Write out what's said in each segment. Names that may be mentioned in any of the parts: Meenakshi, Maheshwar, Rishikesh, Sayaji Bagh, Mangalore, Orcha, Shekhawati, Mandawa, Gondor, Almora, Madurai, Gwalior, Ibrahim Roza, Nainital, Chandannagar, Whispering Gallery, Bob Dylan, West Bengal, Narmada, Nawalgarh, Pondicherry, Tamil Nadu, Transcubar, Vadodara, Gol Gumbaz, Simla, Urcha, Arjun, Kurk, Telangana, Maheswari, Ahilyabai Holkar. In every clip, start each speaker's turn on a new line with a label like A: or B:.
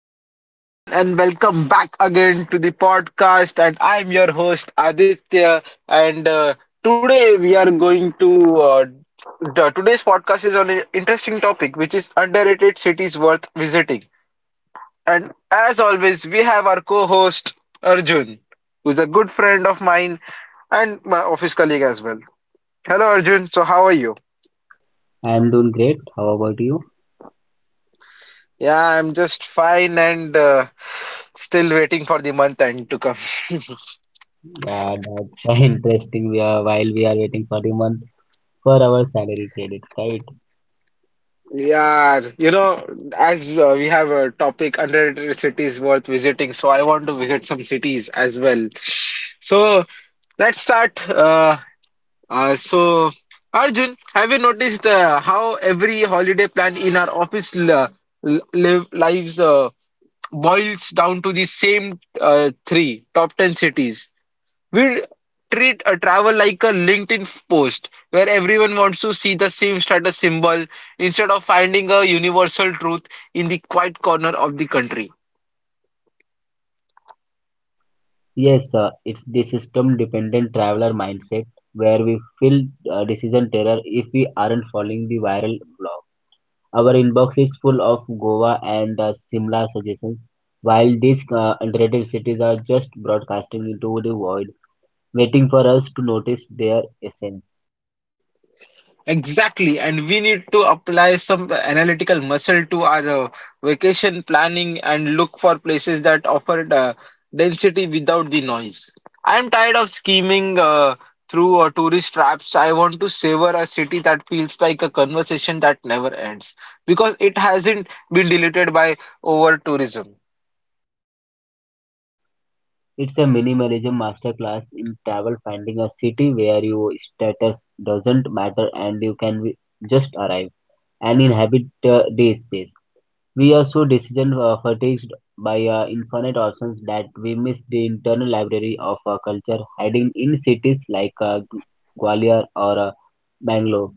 A: hello everyone, and welcome back again to the podcast. And I'm your host Aditya. And Today we are going to today's podcast is on an interesting topic, which is underrated cities worth visiting. And as always, we have our co-host Arjun, who's a good friend of mine and my office colleague as well. Hello, Arjun. So, how are you?
B: I'm doing great. How about you?
A: Yeah, I'm just fine and still waiting for the month end to come.
B: Yeah, that's interesting. We are while we are waiting for the month for our salary credits, right?
A: Yeah, you know, as we have a topic underrated cities worth visiting, so I want to visit some cities as well. So let's start. So Arjun, have you noticed how every holiday plan in our office lives, boils down to the same three top 10 cities? We treat a travel like a LinkedIn post where everyone wants to see the same status symbol instead of finding a universal truth in the quiet corner of the country.
B: Yes, it's the system-dependent traveler mindset where we feel decision terror if we aren't following the viral blog. Our inbox is full of Goa and Simla suggestions, while these underrated cities are just broadcasting into the void, waiting for us to notice their essence.
A: Exactly, and we need to apply some analytical muscle to our vacation planning and look for places that offer density without the noise. I'm tired of scheming through tourist traps. I want to savor a city that feels like a conversation that never ends because it hasn't been deleted by over tourism.
B: It's a minimalism masterclass in travel, finding a city where your status doesn't matter and you can just arrive and inhabit the space. We are so decision fatigued by infinite options that we miss the internal library of our culture hiding in cities like Gwalior or Bangalore.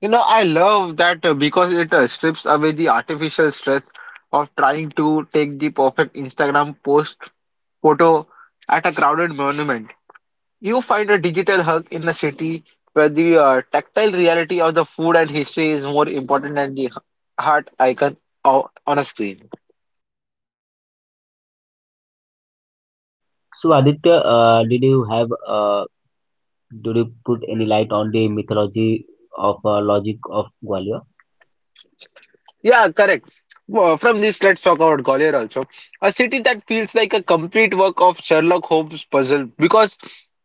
A: You know, I love that because it strips away the artificial stress of trying to take the perfect Instagram post photo at a crowded monument. You find a digital hug in a city where the tactile reality of the food and history is more important than the heart icon on a screen.
B: So Aditya, did you put any light on the mythology of logic of Gwalior?
A: Yeah, correct. Well, from this, let's talk about Gwalior also. A city that feels like a complete work of Sherlock Holmes puzzle because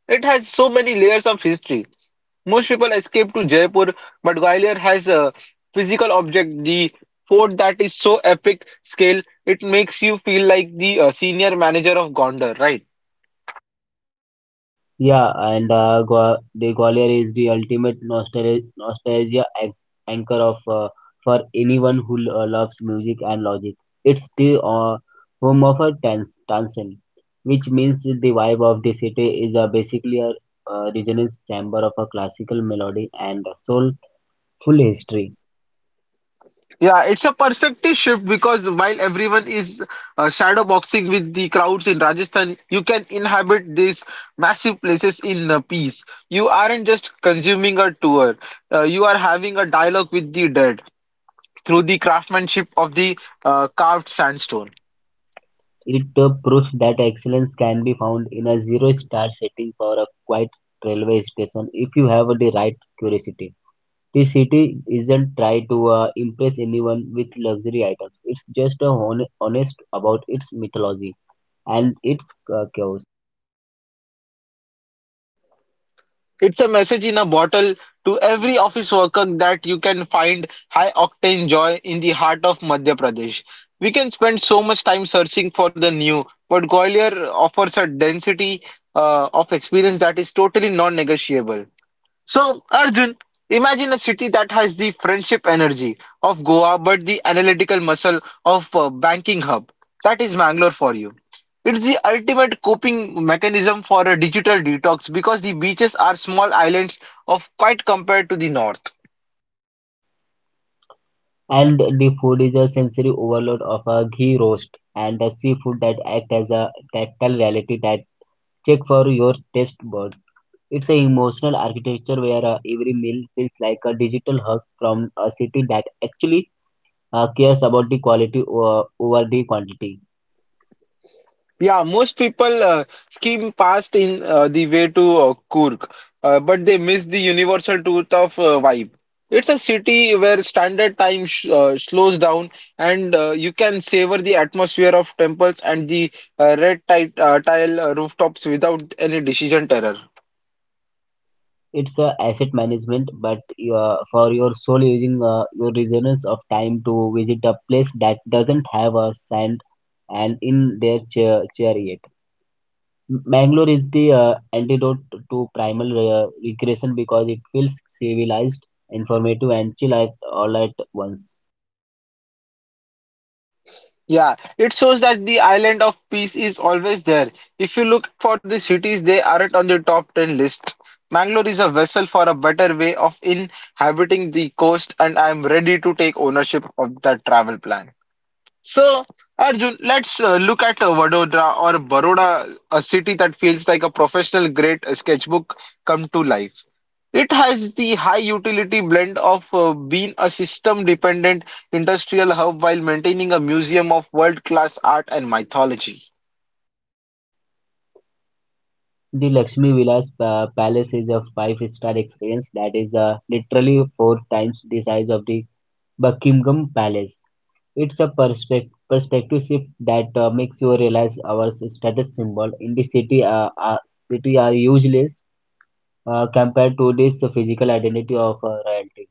A: it has so many layers of history. Most people escape to Jaipur, but Gwalior has a physical object, the fort that is so epic scale, it makes you feel like the senior manager of Gondar, right?
B: Yeah, and the Gwalior is the ultimate nostalgia anchor of for anyone who loves music and logic. It's the home of a Tansen, which means the vibe of the city is basically a resonance chamber of a classical melody and a soulful history.
A: Yeah, it's a perspective shift because while everyone is shadow boxing with the crowds in Rajasthan, you can inhabit these massive places in peace. You aren't just consuming a tour, you are having a dialogue with the dead through the craftsmanship of the carved sandstone.
B: It proves that excellence can be found in a zero-star setting for a quiet railway station if you have the right curiosity. The city isn't trying to impress anyone with luxury items. It's just honest about its mythology and its chaos.
A: It's a message in a bottle to every office worker that you can find high octane joy in the heart of Madhya Pradesh. We can spend so much time searching for the new, but Gwalior offers a density of experience that is totally non negotiable. So, Arjun, imagine a city that has the friendship energy of Goa but the analytical muscle of a banking hub. That is Mangalore for you. It's the ultimate coping mechanism for a digital detox because the beaches are small islands of quite compared to the north.
B: And the food is a sensory overload of a ghee roast and the seafood that act as a tactile reality that check for your taste buds. It's an emotional architecture where every meal feels like a digital hug from a city that actually cares about the quality over the quantity.
A: Yeah, most people skim past in the way to Kurk, but they miss the universal truth of vibe. It's a city where standard time sh slows down, and you can savor the atmosphere of temples and the red tile rooftops without any decision terror.
B: It's a asset management, but for your soul using your reasons of time to visit a place that doesn't have a sand and in their chair yet. Bangalore is the antidote to primal regression because it feels civilized, informative, and chill at all at once.
A: Yeah, it shows that the island of peace is always there. If you look for the cities, they aren't on the top 10 list. Mangalore is a vessel for a better way of inhabiting the coast, and I'm ready to take ownership of that travel plan. So, Arjun, let's look at Vadodara or Baroda, a city that feels like a professional great sketchbook come to life. It has the high utility blend of being a system-dependent industrial hub while maintaining a museum of world-class art and mythology.
B: The Lakshmi Vilas Palace is a five-star experience that is literally four times the size of the Buckingham Palace. It's a perspective shift that makes you realize our status symbol in the city are useless compared to this physical identity of royalty.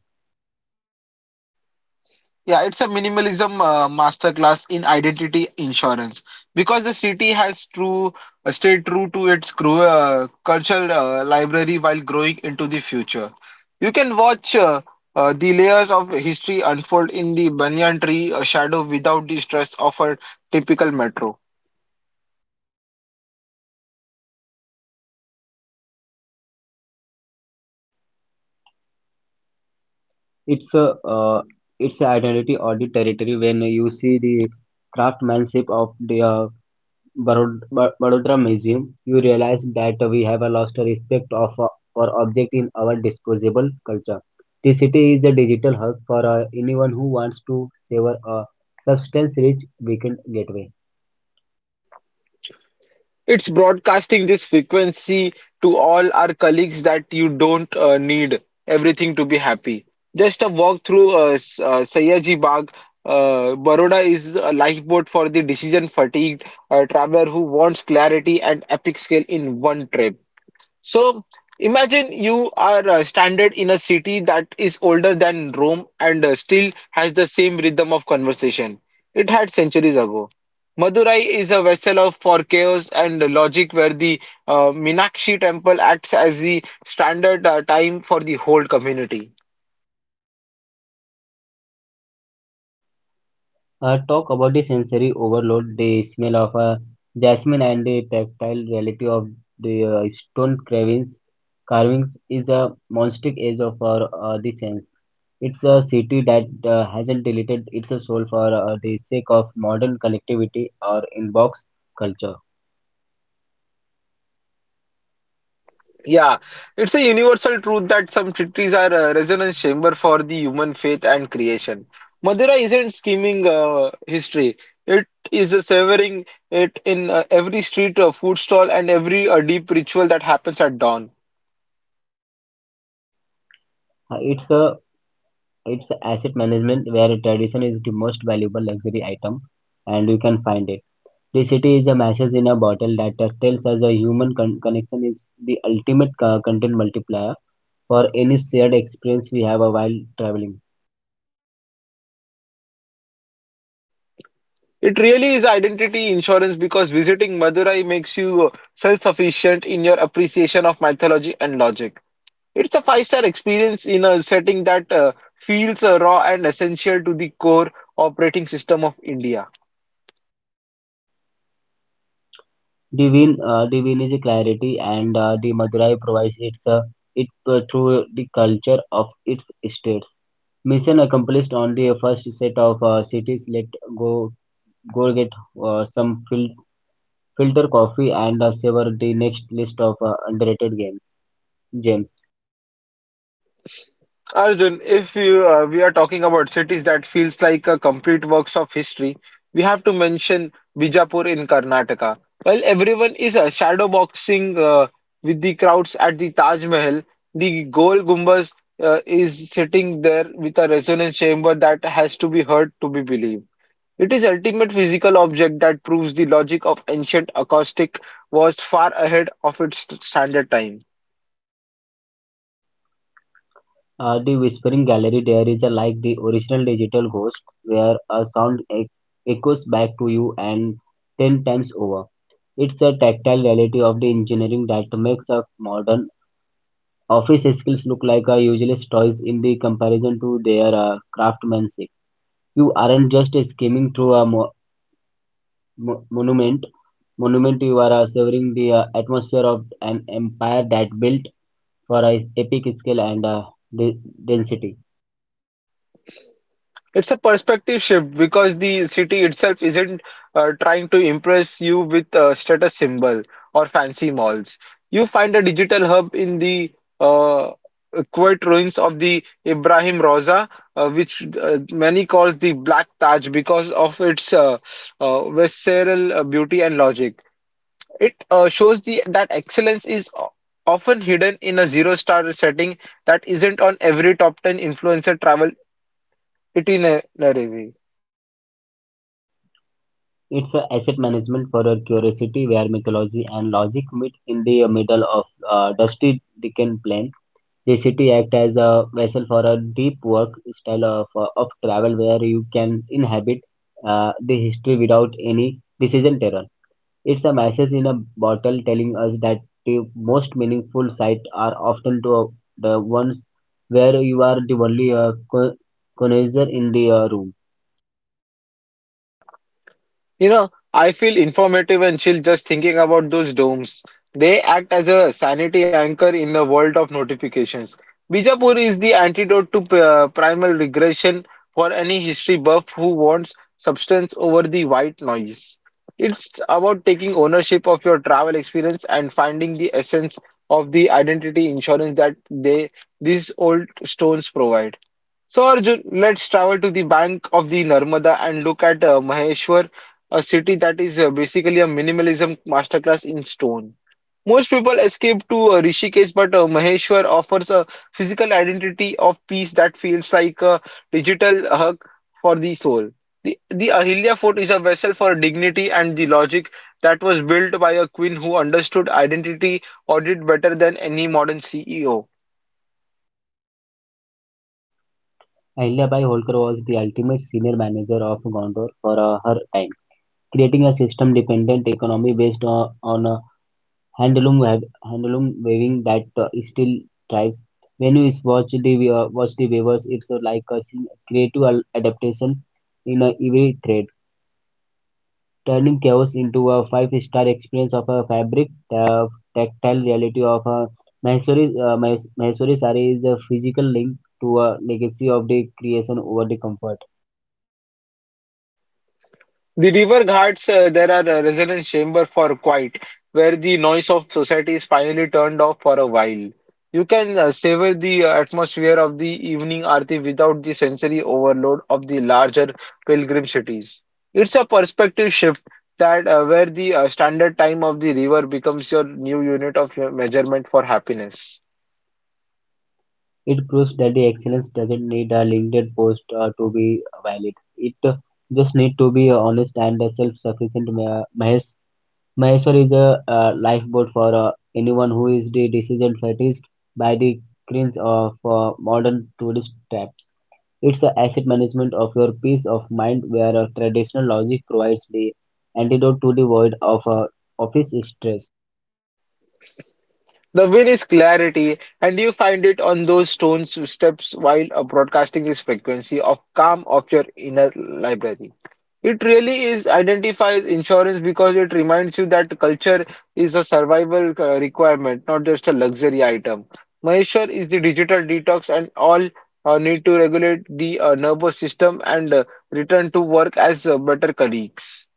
A: Yeah, it's a minimalism masterclass in identity insurance because the city has true stayed true to its cultural library while growing into the future. You can watch the layers of history unfold in the banyan tree shadow without the stress of a typical metro.
B: It's a uh, it's a identity or the territory when you see the craftsmanship of the Baroda Museum, you realize that we have a lost respect for object in our disposable culture. The city is a digital hub for anyone who wants to savor a substance-rich weekend getaway.
A: It's broadcasting this frequency to all our colleagues that you don't need everything to be happy. Just a walk through Sayaji Bagh, Baroda is a lifeboat for the decision fatigued traveler who wants clarity and epic scale in one trip. So imagine you are stranded in a city that is older than Rome and still has the same rhythm of conversation it had centuries ago. Madurai is a vessel of for chaos and logic where the Meenakshi temple acts as the standard time for the whole community.
B: Talk about the sensory overload, the smell of jasmine and the tactile reality of the stone carvings. Carvings is a monastic age of our the sense. It's a city that hasn't deleted its soul for the sake of modern connectivity or inbox culture.
A: Yeah, it's a universal truth that some cities are a resonance chamber for the human faith and creation. Madurai isn't scheming history. It is a severing it in every street, food stall, and every deep ritual that happens at dawn.
B: Uh, it's a it's asset management where tradition is the most valuable luxury item, and you can find it. Simplicity is a message in a bottle that tells us a human connection is the ultimate content multiplier for any shared experience we have while traveling.
A: It really is identity insurance because visiting Madurai makes you self-sufficient in your appreciation of mythology and logic. It's a five-star experience in a setting that feels raw and essential to the core operating system of India.
B: The win is a clarity, and the Madurai provides its it through the culture of its states. Mission accomplished on the first set of cities. Let go go get some filter coffee and savor the next list of underrated games. Gems.
A: Arjun, if you, we are talking about cities that feels like a complete works of history, we have to mention Bijapur in Karnataka. While everyone is shadow boxing with the crowds at the Taj Mahal, the Gol Gumbaz is sitting there with a resonance chamber that has to be heard to be believed. It is ultimate physical object that proves the logic of ancient acoustic was far ahead of its standard time.
B: The Whispering Gallery there is a like the original digital ghost where a sound echoes back to you and 10 times over. It's a tactile reality of the engineering that makes a modern office skills look like a useless toys in the comparison to their craftsmanship. You aren't just skimming through a mo- monument. monument, you are savoring the atmosphere of an empire that built for a epic scale and de- density.
A: It's a perspective shift because the city itself isn't trying to impress you with a status symbol or fancy malls. You find a digital hub in the uh, quiet ruins of the Ibrahim Roza, which many calls the Black Taj because of its visceral beauty and logic. It shows the that excellence is often hidden in a zero-star setting that isn't on every top 10 influencer travel itinerary.
B: It's a asset management for your curiosity where mythology and logic meet in the middle of Dusty Dickens Plain. The city acts as a vessel for a deep work style of travel where you can inhabit the history without any decision terror. It's a message in a bottle telling us that the most meaningful sites are often to the ones where you are the only connoisseur in the room.
A: You know, I feel informative and chill just thinking about those domes. They act as a sanity anchor in the world of notifications. Bijapur is the antidote to primal regression for any history buff who wants substance over the white noise. It's about taking ownership of your travel experience and finding the essence of the identity insurance that they these old stones provide. So Arjun, let's travel to the bank of the Narmada and look at Maheshwar, a city that is basically a minimalism masterclass in stone. Most people escape to Rishikesh, but Maheshwar offers a physical identity of peace that feels like a digital hug for the soul. The Ahilya Fort is a vessel for dignity and the logic that was built by a queen who understood identity audit better than any modern CEO.
B: Ahilyabai Holkar was the ultimate senior manager of Gondor for her time, creating a system-dependent economy based on handloom handloom weaving that still thrives. When you watch the weavers, it's like a creative adaptation in every thread, turning chaos into a five-star experience of a fabric, the tactile reality of a Maheswari sari is a physical link to a legacy of the creation over the comfort.
A: The river ghats, there are a resonance chamber for quiet, where the noise of society is finally turned off for a while. You can savor the atmosphere of the evening aarti without the sensory overload of the larger pilgrim cities. It's a perspective shift that where the standard time of the river becomes your new unit of measurement for happiness.
B: It proves that the excellence doesn't need a LinkedIn post to be valid. It just need to be honest and self-sufficient. Maheshwar is a lifeboat for anyone who is the decision fatigued by the cringe of modern tourist traps. It's the asset management of your peace of mind where traditional logic provides the antidote to the void of office stress.
A: The win is clarity, and you find it on those stone steps while broadcasting this frequency of calm of your inner library. It really is identifies insurance because it reminds you that culture is a survival requirement, not just a luxury item. Maheshwar is the digital detox, and all need to regulate the nervous system and return to work as better colleagues.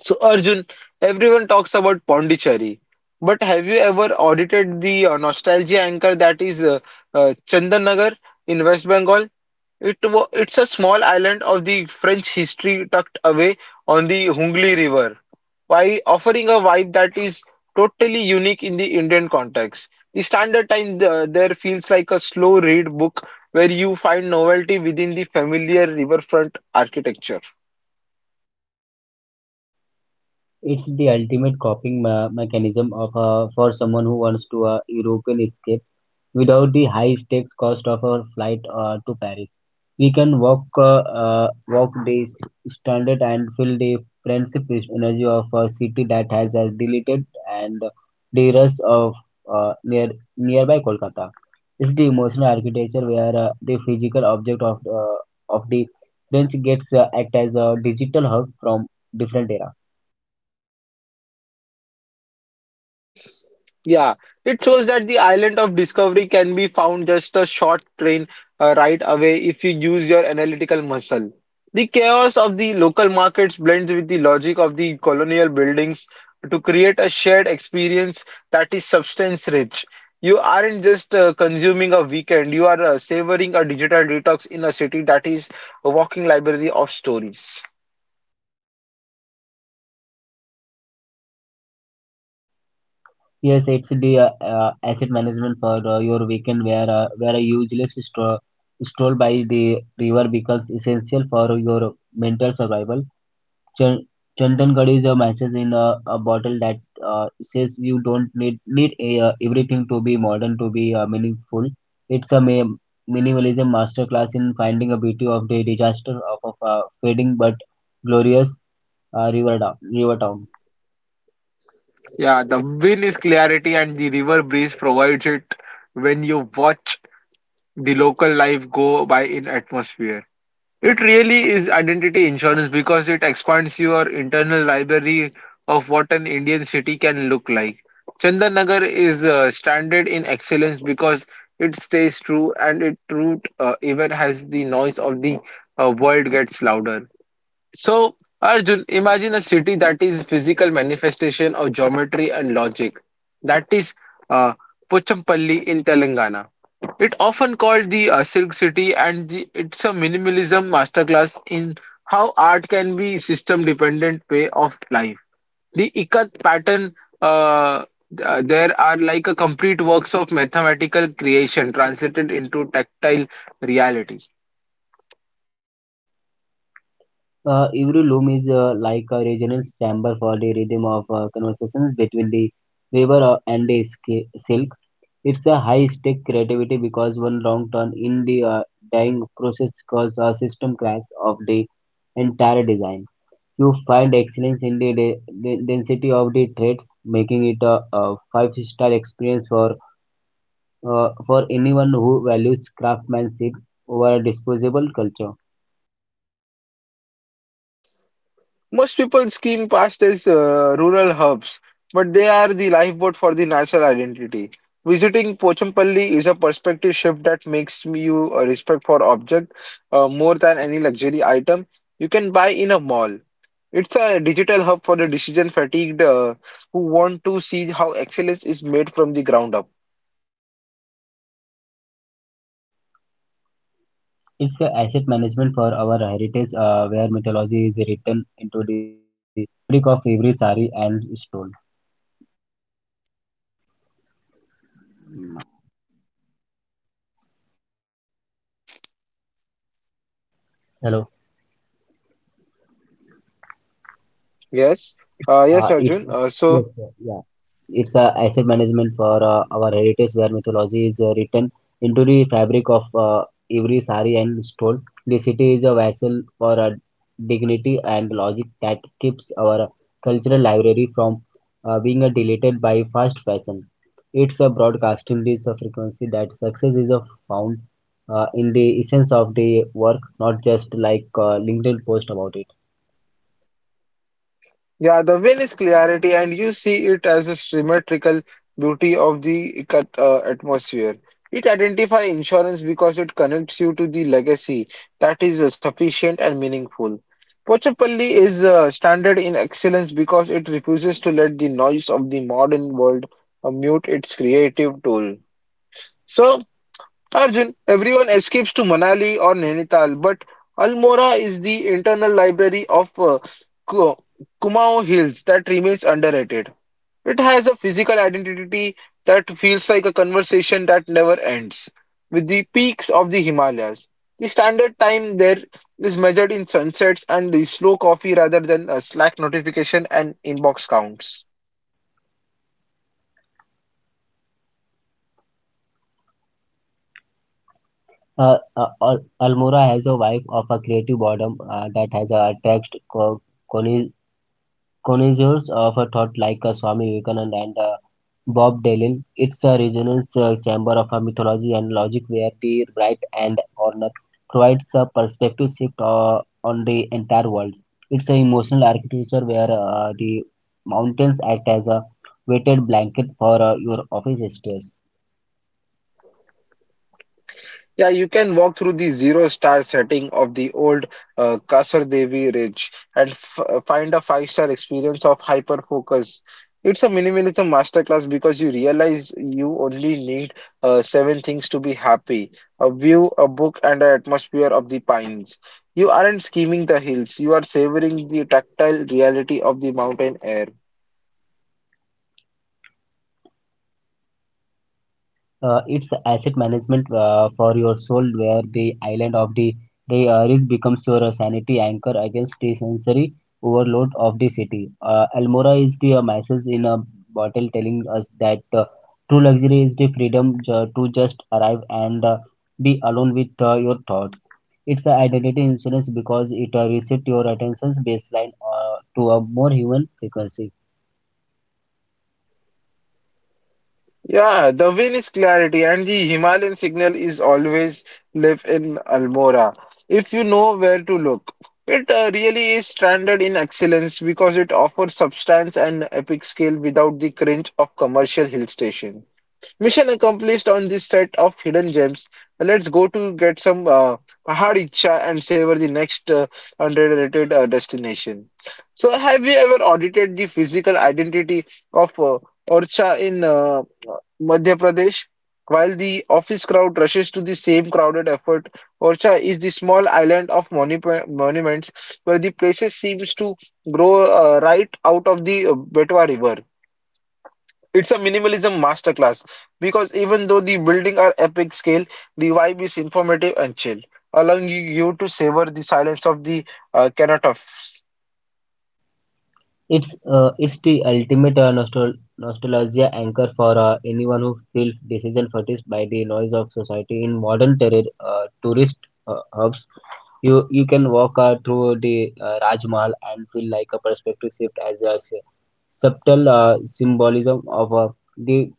A: So, Arjun, everyone talks about Pondicherry, but have you ever audited the nostalgia anchor that is Chandannagar in West Bengal? It's a small island of the French history tucked away on the Hooghly River, while offering a vibe that is totally unique in the Indian context. The standard time there feels like a slow read book where you find novelty within the familiar riverfront architecture.
B: It's the ultimate coping mechanism of for someone who wants to European escapes without the high stakes cost of a flight to Paris. We can walk the standard and feel the friendship energy of a city that has deleted and the rest of uh, near nearby Kolkata. It's the emotional architecture where the physical object of the French gets act as a digital hub from different era.
A: Yeah, it shows that the island of discovery can be found just a short train ride away if you use your analytical muscle. The chaos of the local markets blends with the logic of the colonial buildings to create a shared experience that is substance rich. You aren't just consuming a weekend, you are savoring a digital detox in a city that is a walking library of stories.
B: Yes, it's the asset management for your weekend where a useless stroll by the river becomes essential for your mental survival. Ch- Chandangarh is a message in a bottle that says you don't need everything to be modern to be meaningful. It's a minimalism masterclass in finding a beauty of the disaster of a fading but glorious river town.
A: Yeah, the win is clarity, and the river breeze provides it when you watch the local life go by in atmosphere. It really is identity insurance because it expands your internal library of what an Indian city can look like. Chandanagar is standard in excellence because it stays true and its root even as the noise of the world gets louder. So, Arjun, imagine a city that is physical manifestation of geometry and logic. That is uh, Pochampalli in Telangana. It often called the Silk City, and the, it's a minimalism masterclass in how art can be system-dependent way of life. The Ikat pattern uh, there are like a complete works of mathematical creation translated into tactile reality.
B: Every loom is like a resonance chamber for the rhythm of conversations between the weaver and the silk. It's a high-stake creativity because one wrong turn in the dyeing process causes a system crash of the entire design. You find excellence in the density of the threads, making it a five-star experience for anyone who values craftsmanship over a disposable culture.
A: Most people scheme past as rural hubs, but they are the lifeboat for the national identity. Visiting Pochampalli is a perspective shift that makes me you a respect for object more than any luxury item you can buy in a mall. It's a digital hub for the decision fatigued who want to see how excellence is made from the ground up.
B: It's a asset management for our heritage, where mythology is written into the fabric of every sari and stole.
A: Yes,
B: Uh,
A: yes,
B: It's a,
A: Arjun.
B: yes, sir, yeah. It's a asset management for our heritage where mythology is written into the fabric of every sari and stole. The city is a vessel for dignity and logic that keeps our cultural library from being deleted by fast fashion. It's a broadcasting this frequency that success is found in the essence of the work, not just like LinkedIn post about it.
A: Yeah, the veil is clarity, and you see it as a symmetrical beauty of the cut, atmosphere. It identifies insurance because it connects you to the legacy that is sufficient and meaningful. Pochapalli is standard in excellence because it refuses to let the noise of the modern world mute its creative tool. So, Arjun, everyone escapes to Manali or Nainital, but Almora is the internal library of Ku- Kumao Hills that remains underrated. It has a physical identity that feels like a conversation that never ends. With the peaks of the Himalayas, the standard time there is measured in sunsets and the slow coffee rather than a Slack notification and inbox counts.
B: Almora has a vibe of a creative boredom that has attracted connois- connoisseurs of a thought like Swami Vivekananda and Bob Dylan. It's a resonance chamber of a mythology and logic where the right and honor provides a perspective shift on the entire world. It's an emotional architecture where the mountains act as a weighted blanket for your office stress.
A: Yeah, you can walk through the zero star setting of the old Kasar Devi Ridge and f find a five-star experience of hyper focus. It's a minimalism masterclass because you realize you only need seven things to be happy: a view, a book, and an atmosphere of the pines. You aren't scheming the hills, you are savoring the tactile reality of the mountain air.
B: It's asset management for your soul where the island of the risk becomes your sanity anchor against the sensory overload of the city. Almora is the message in a bottle telling us that true luxury is the freedom to just arrive and be alone with your thoughts. It's an identity insurance because it resets your attention's baseline to a more human frequency.
A: Yeah, the wind is clarity, and the Himalayan signal is always live in Almora. If you know where to look, it really is standard in excellence because it offers substance and epic scale without the cringe of commercial hill station. Mission accomplished on this set of hidden gems. Well, let's go to get some Pahadicha and savor the next underrated destination. So, have you ever audited the physical identity of Orcha in Madhya Pradesh? While the office crowd rushes to the same crowded effort, Orcha is the small island of monuments where the places seems to grow right out of the Betwa River. It's a minimalism masterclass because even though the building are epic scale, the vibe is informative and chill, allowing you to savor the silence of the cenotaph.
B: It's the ultimate nostalgia anchor for anyone who feels decision by the noise of society. In modern terror, tourist hubs, you can walk through the Raj Mahal and feel like a perspective shift as a subtle symbolism of the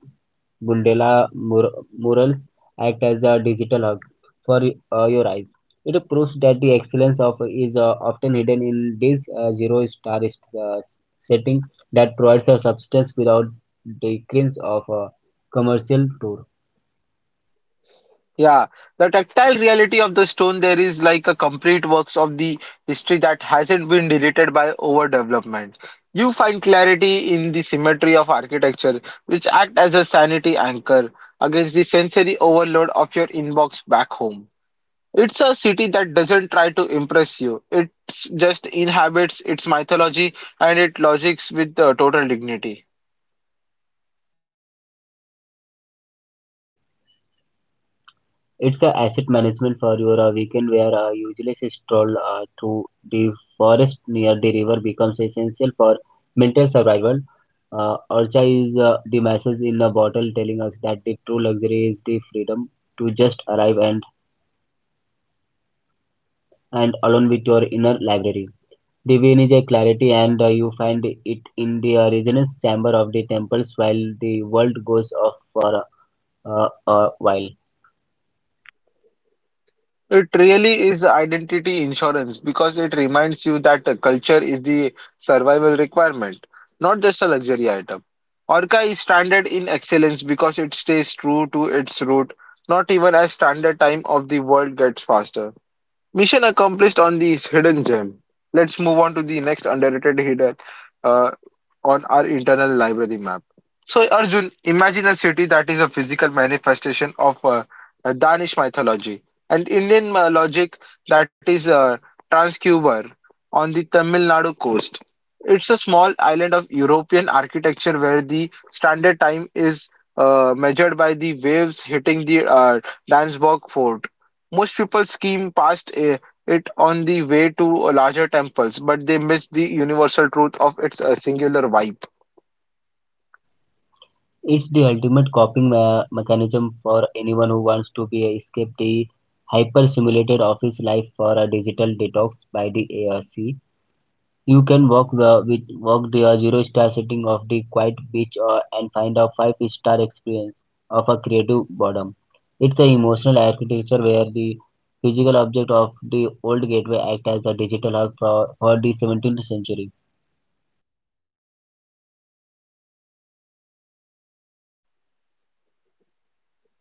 B: Bundela murals act as a digital hug for your eyes. It proves that the excellence of is often hidden in this zero-star setting that provides a substance without the cringe of a commercial tour.
A: Yeah, the tactile reality of the stone there is like a complete works of the history that hasn't been deleted by overdevelopment. You find clarity in the symmetry of architecture, which act as a sanity anchor against the sensory overload of your inbox back home. It's a city that doesn't try to impress you. It just inhabits its mythology and it logics with total dignity.
B: It's the asset management for your weekend where a useless stroll through the forest near the river becomes essential for mental survival. Urcha is the message in a bottle telling us that the true luxury is the freedom to just arrive and alone with your inner library. The vein is a clarity and you find it in the resonance chamber of the temples while the world goes off for a while.
A: It really is identity insurance because it reminds you that culture is the survival requirement, not just a luxury item. Orca is standard in excellence because it stays true to its root, not even as standard time of the world gets faster. Mission accomplished on this hidden gem. Let's move on to the next underrated hidden uh, on our internal library map. So, Arjun, imagine a city that is a physical manifestation of Danish mythology and Indian logic that is Transcubar on the Tamil Nadu coast. It's a small island of European architecture where the standard time is measured by the waves hitting the Dansborg fort. Most people skim past it on the way to larger temples, but they miss the universal truth of its singular vibe.
B: It's the ultimate coping mechanism for anyone who wants to be escape the hyper-simulated office life for a digital detox by the ARC. You can walk the zero-star setting of the quiet beach or and find a five-star experience of a creative boredom. It's an emotional architecture where the physical object of the old gateway act as a digital hub for the 17th century.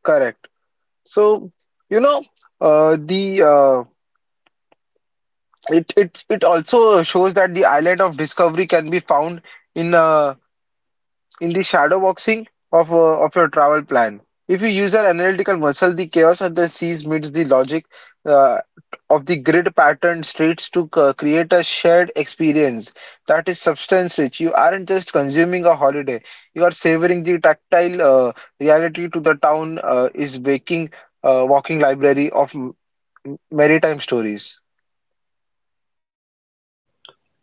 A: Correct. So, you know, the it it it also shows that the island of discovery can be found in uh, in the shadow boxing of your travel plan. If you use your analytical muscle, the chaos of the seas meets the logic uh, of the grid pattern streets to create a shared experience that is substance rich. You aren't just consuming a holiday, you are savoring the tactile reality to the town is waking, walking library of maritime stories.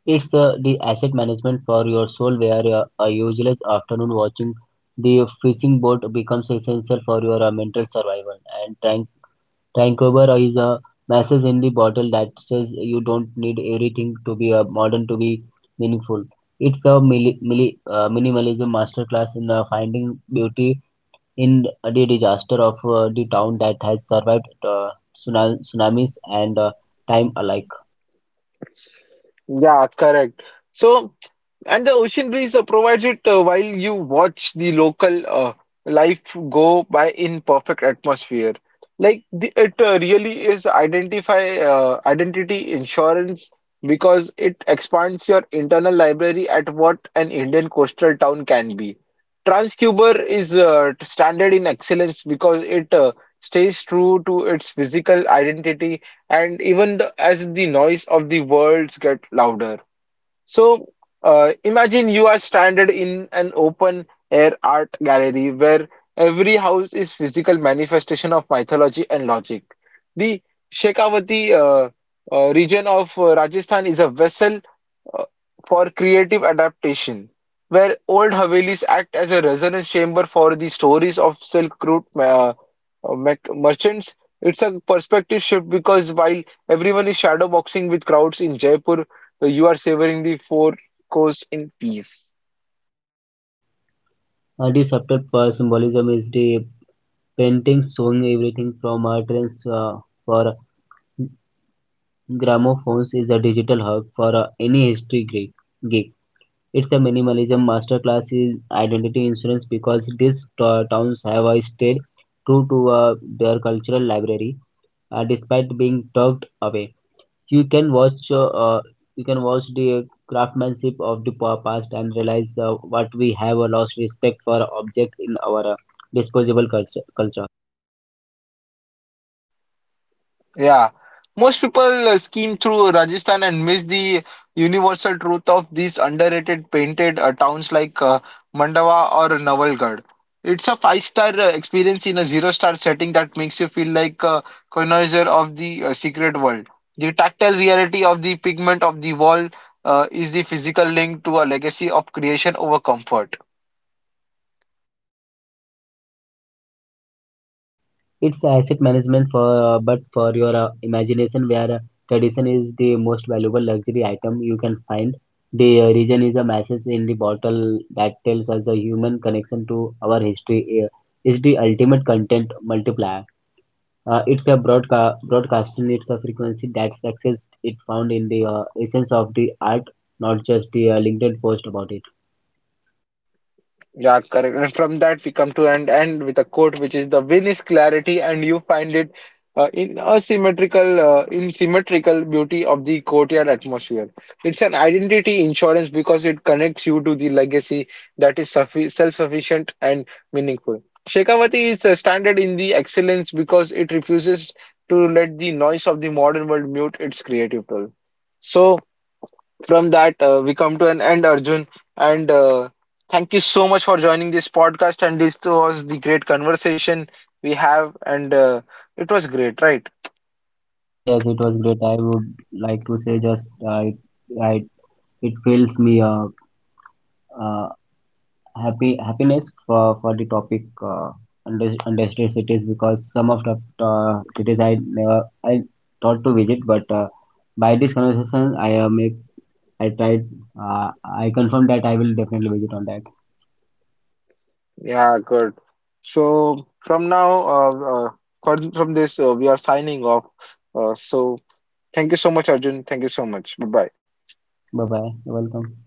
B: It's the asset management for your soul where a useless afternoon watching the fishing boat becomes essential for your mental survival. And Tankover is a message in the bottle that says you don't need everything to be modern to be meaningful. It's a minimalism masterclass in finding beauty in the disaster of the town that has survived tsunamis and time alike.
A: Yeah, correct. So, and the ocean breeze provides it while you watch the local life go by in perfect atmosphere. Like the, it really is identify identity insurance because it expands your internal library at what an Indian coastal town can be. Transcuber is standard in excellence because it stays true to its physical identity and even the, as the noise of the worlds get louder. So Imagine you are stranded in an open air art gallery where every house is physical manifestation of mythology and logic. The Shekhawati region of Rajasthan is a vessel uh, for creative adaptation, where old Havelis act as a resonance chamber for the stories of Silk Route uh, merchants. It's a perspective shift because while everyone is shadow boxing with crowds in Jaipur, you are savoring the four coasts in peace.
B: The subtle symbolism is the paintings showing everything from art trends for gramophones is a digital hub for any history geek. It's the minimalism masterclass is identity insurance because these towns have stayed true to their cultural library despite being tugged away. You can watch uh, uh, you can watch the craftsmanship of the past and realize what we have lost respect for objects in our disposable culture.
A: Yeah, most people skim through Rajasthan and miss the universal truth of these underrated painted towns like Mandawa or Nawalgarh. It's a five-star experience in a zero-star setting that makes you feel like a connoisseur of the secret world. The tactile reality of the pigment of the wall is the physical link to a legacy of creation over comfort.
B: It's asset management for but for your imagination where tradition is the most valuable luxury item you can find. The region is a message in the bottle that tells us the human connection to our history is the ultimate content multiplier. It's a frequency that success it found in the essence of the art, not just the LinkedIn post about it.
A: Yeah, correct. And from that, we come to end with a quote, which is the win is clarity, and you find it in in symmetrical beauty of the courtyard atmosphere. It's an identity insurance because it connects you to the legacy that is suffi self-sufficient and meaningful. Shekhawati is standard in the excellence because it refuses to let the noise of the modern world mute its creative tool. So from that, we come to an end, Arjun. And thank you so much for joining this podcast. And this was the great conversation we have, and it was great, right?
B: Yes, it was great. I would like to say just I, it fills me uh, happy happiness for the topic understated cities because some of the cities I never I thought to visit, but by this conversation I tried I confirm that I will definitely visit on that.
A: Yeah, good. So from now, uh, from this, we are signing off. So thank you so much, Arjun. Thank you so much. Bye bye.
B: Bye bye. You're welcome.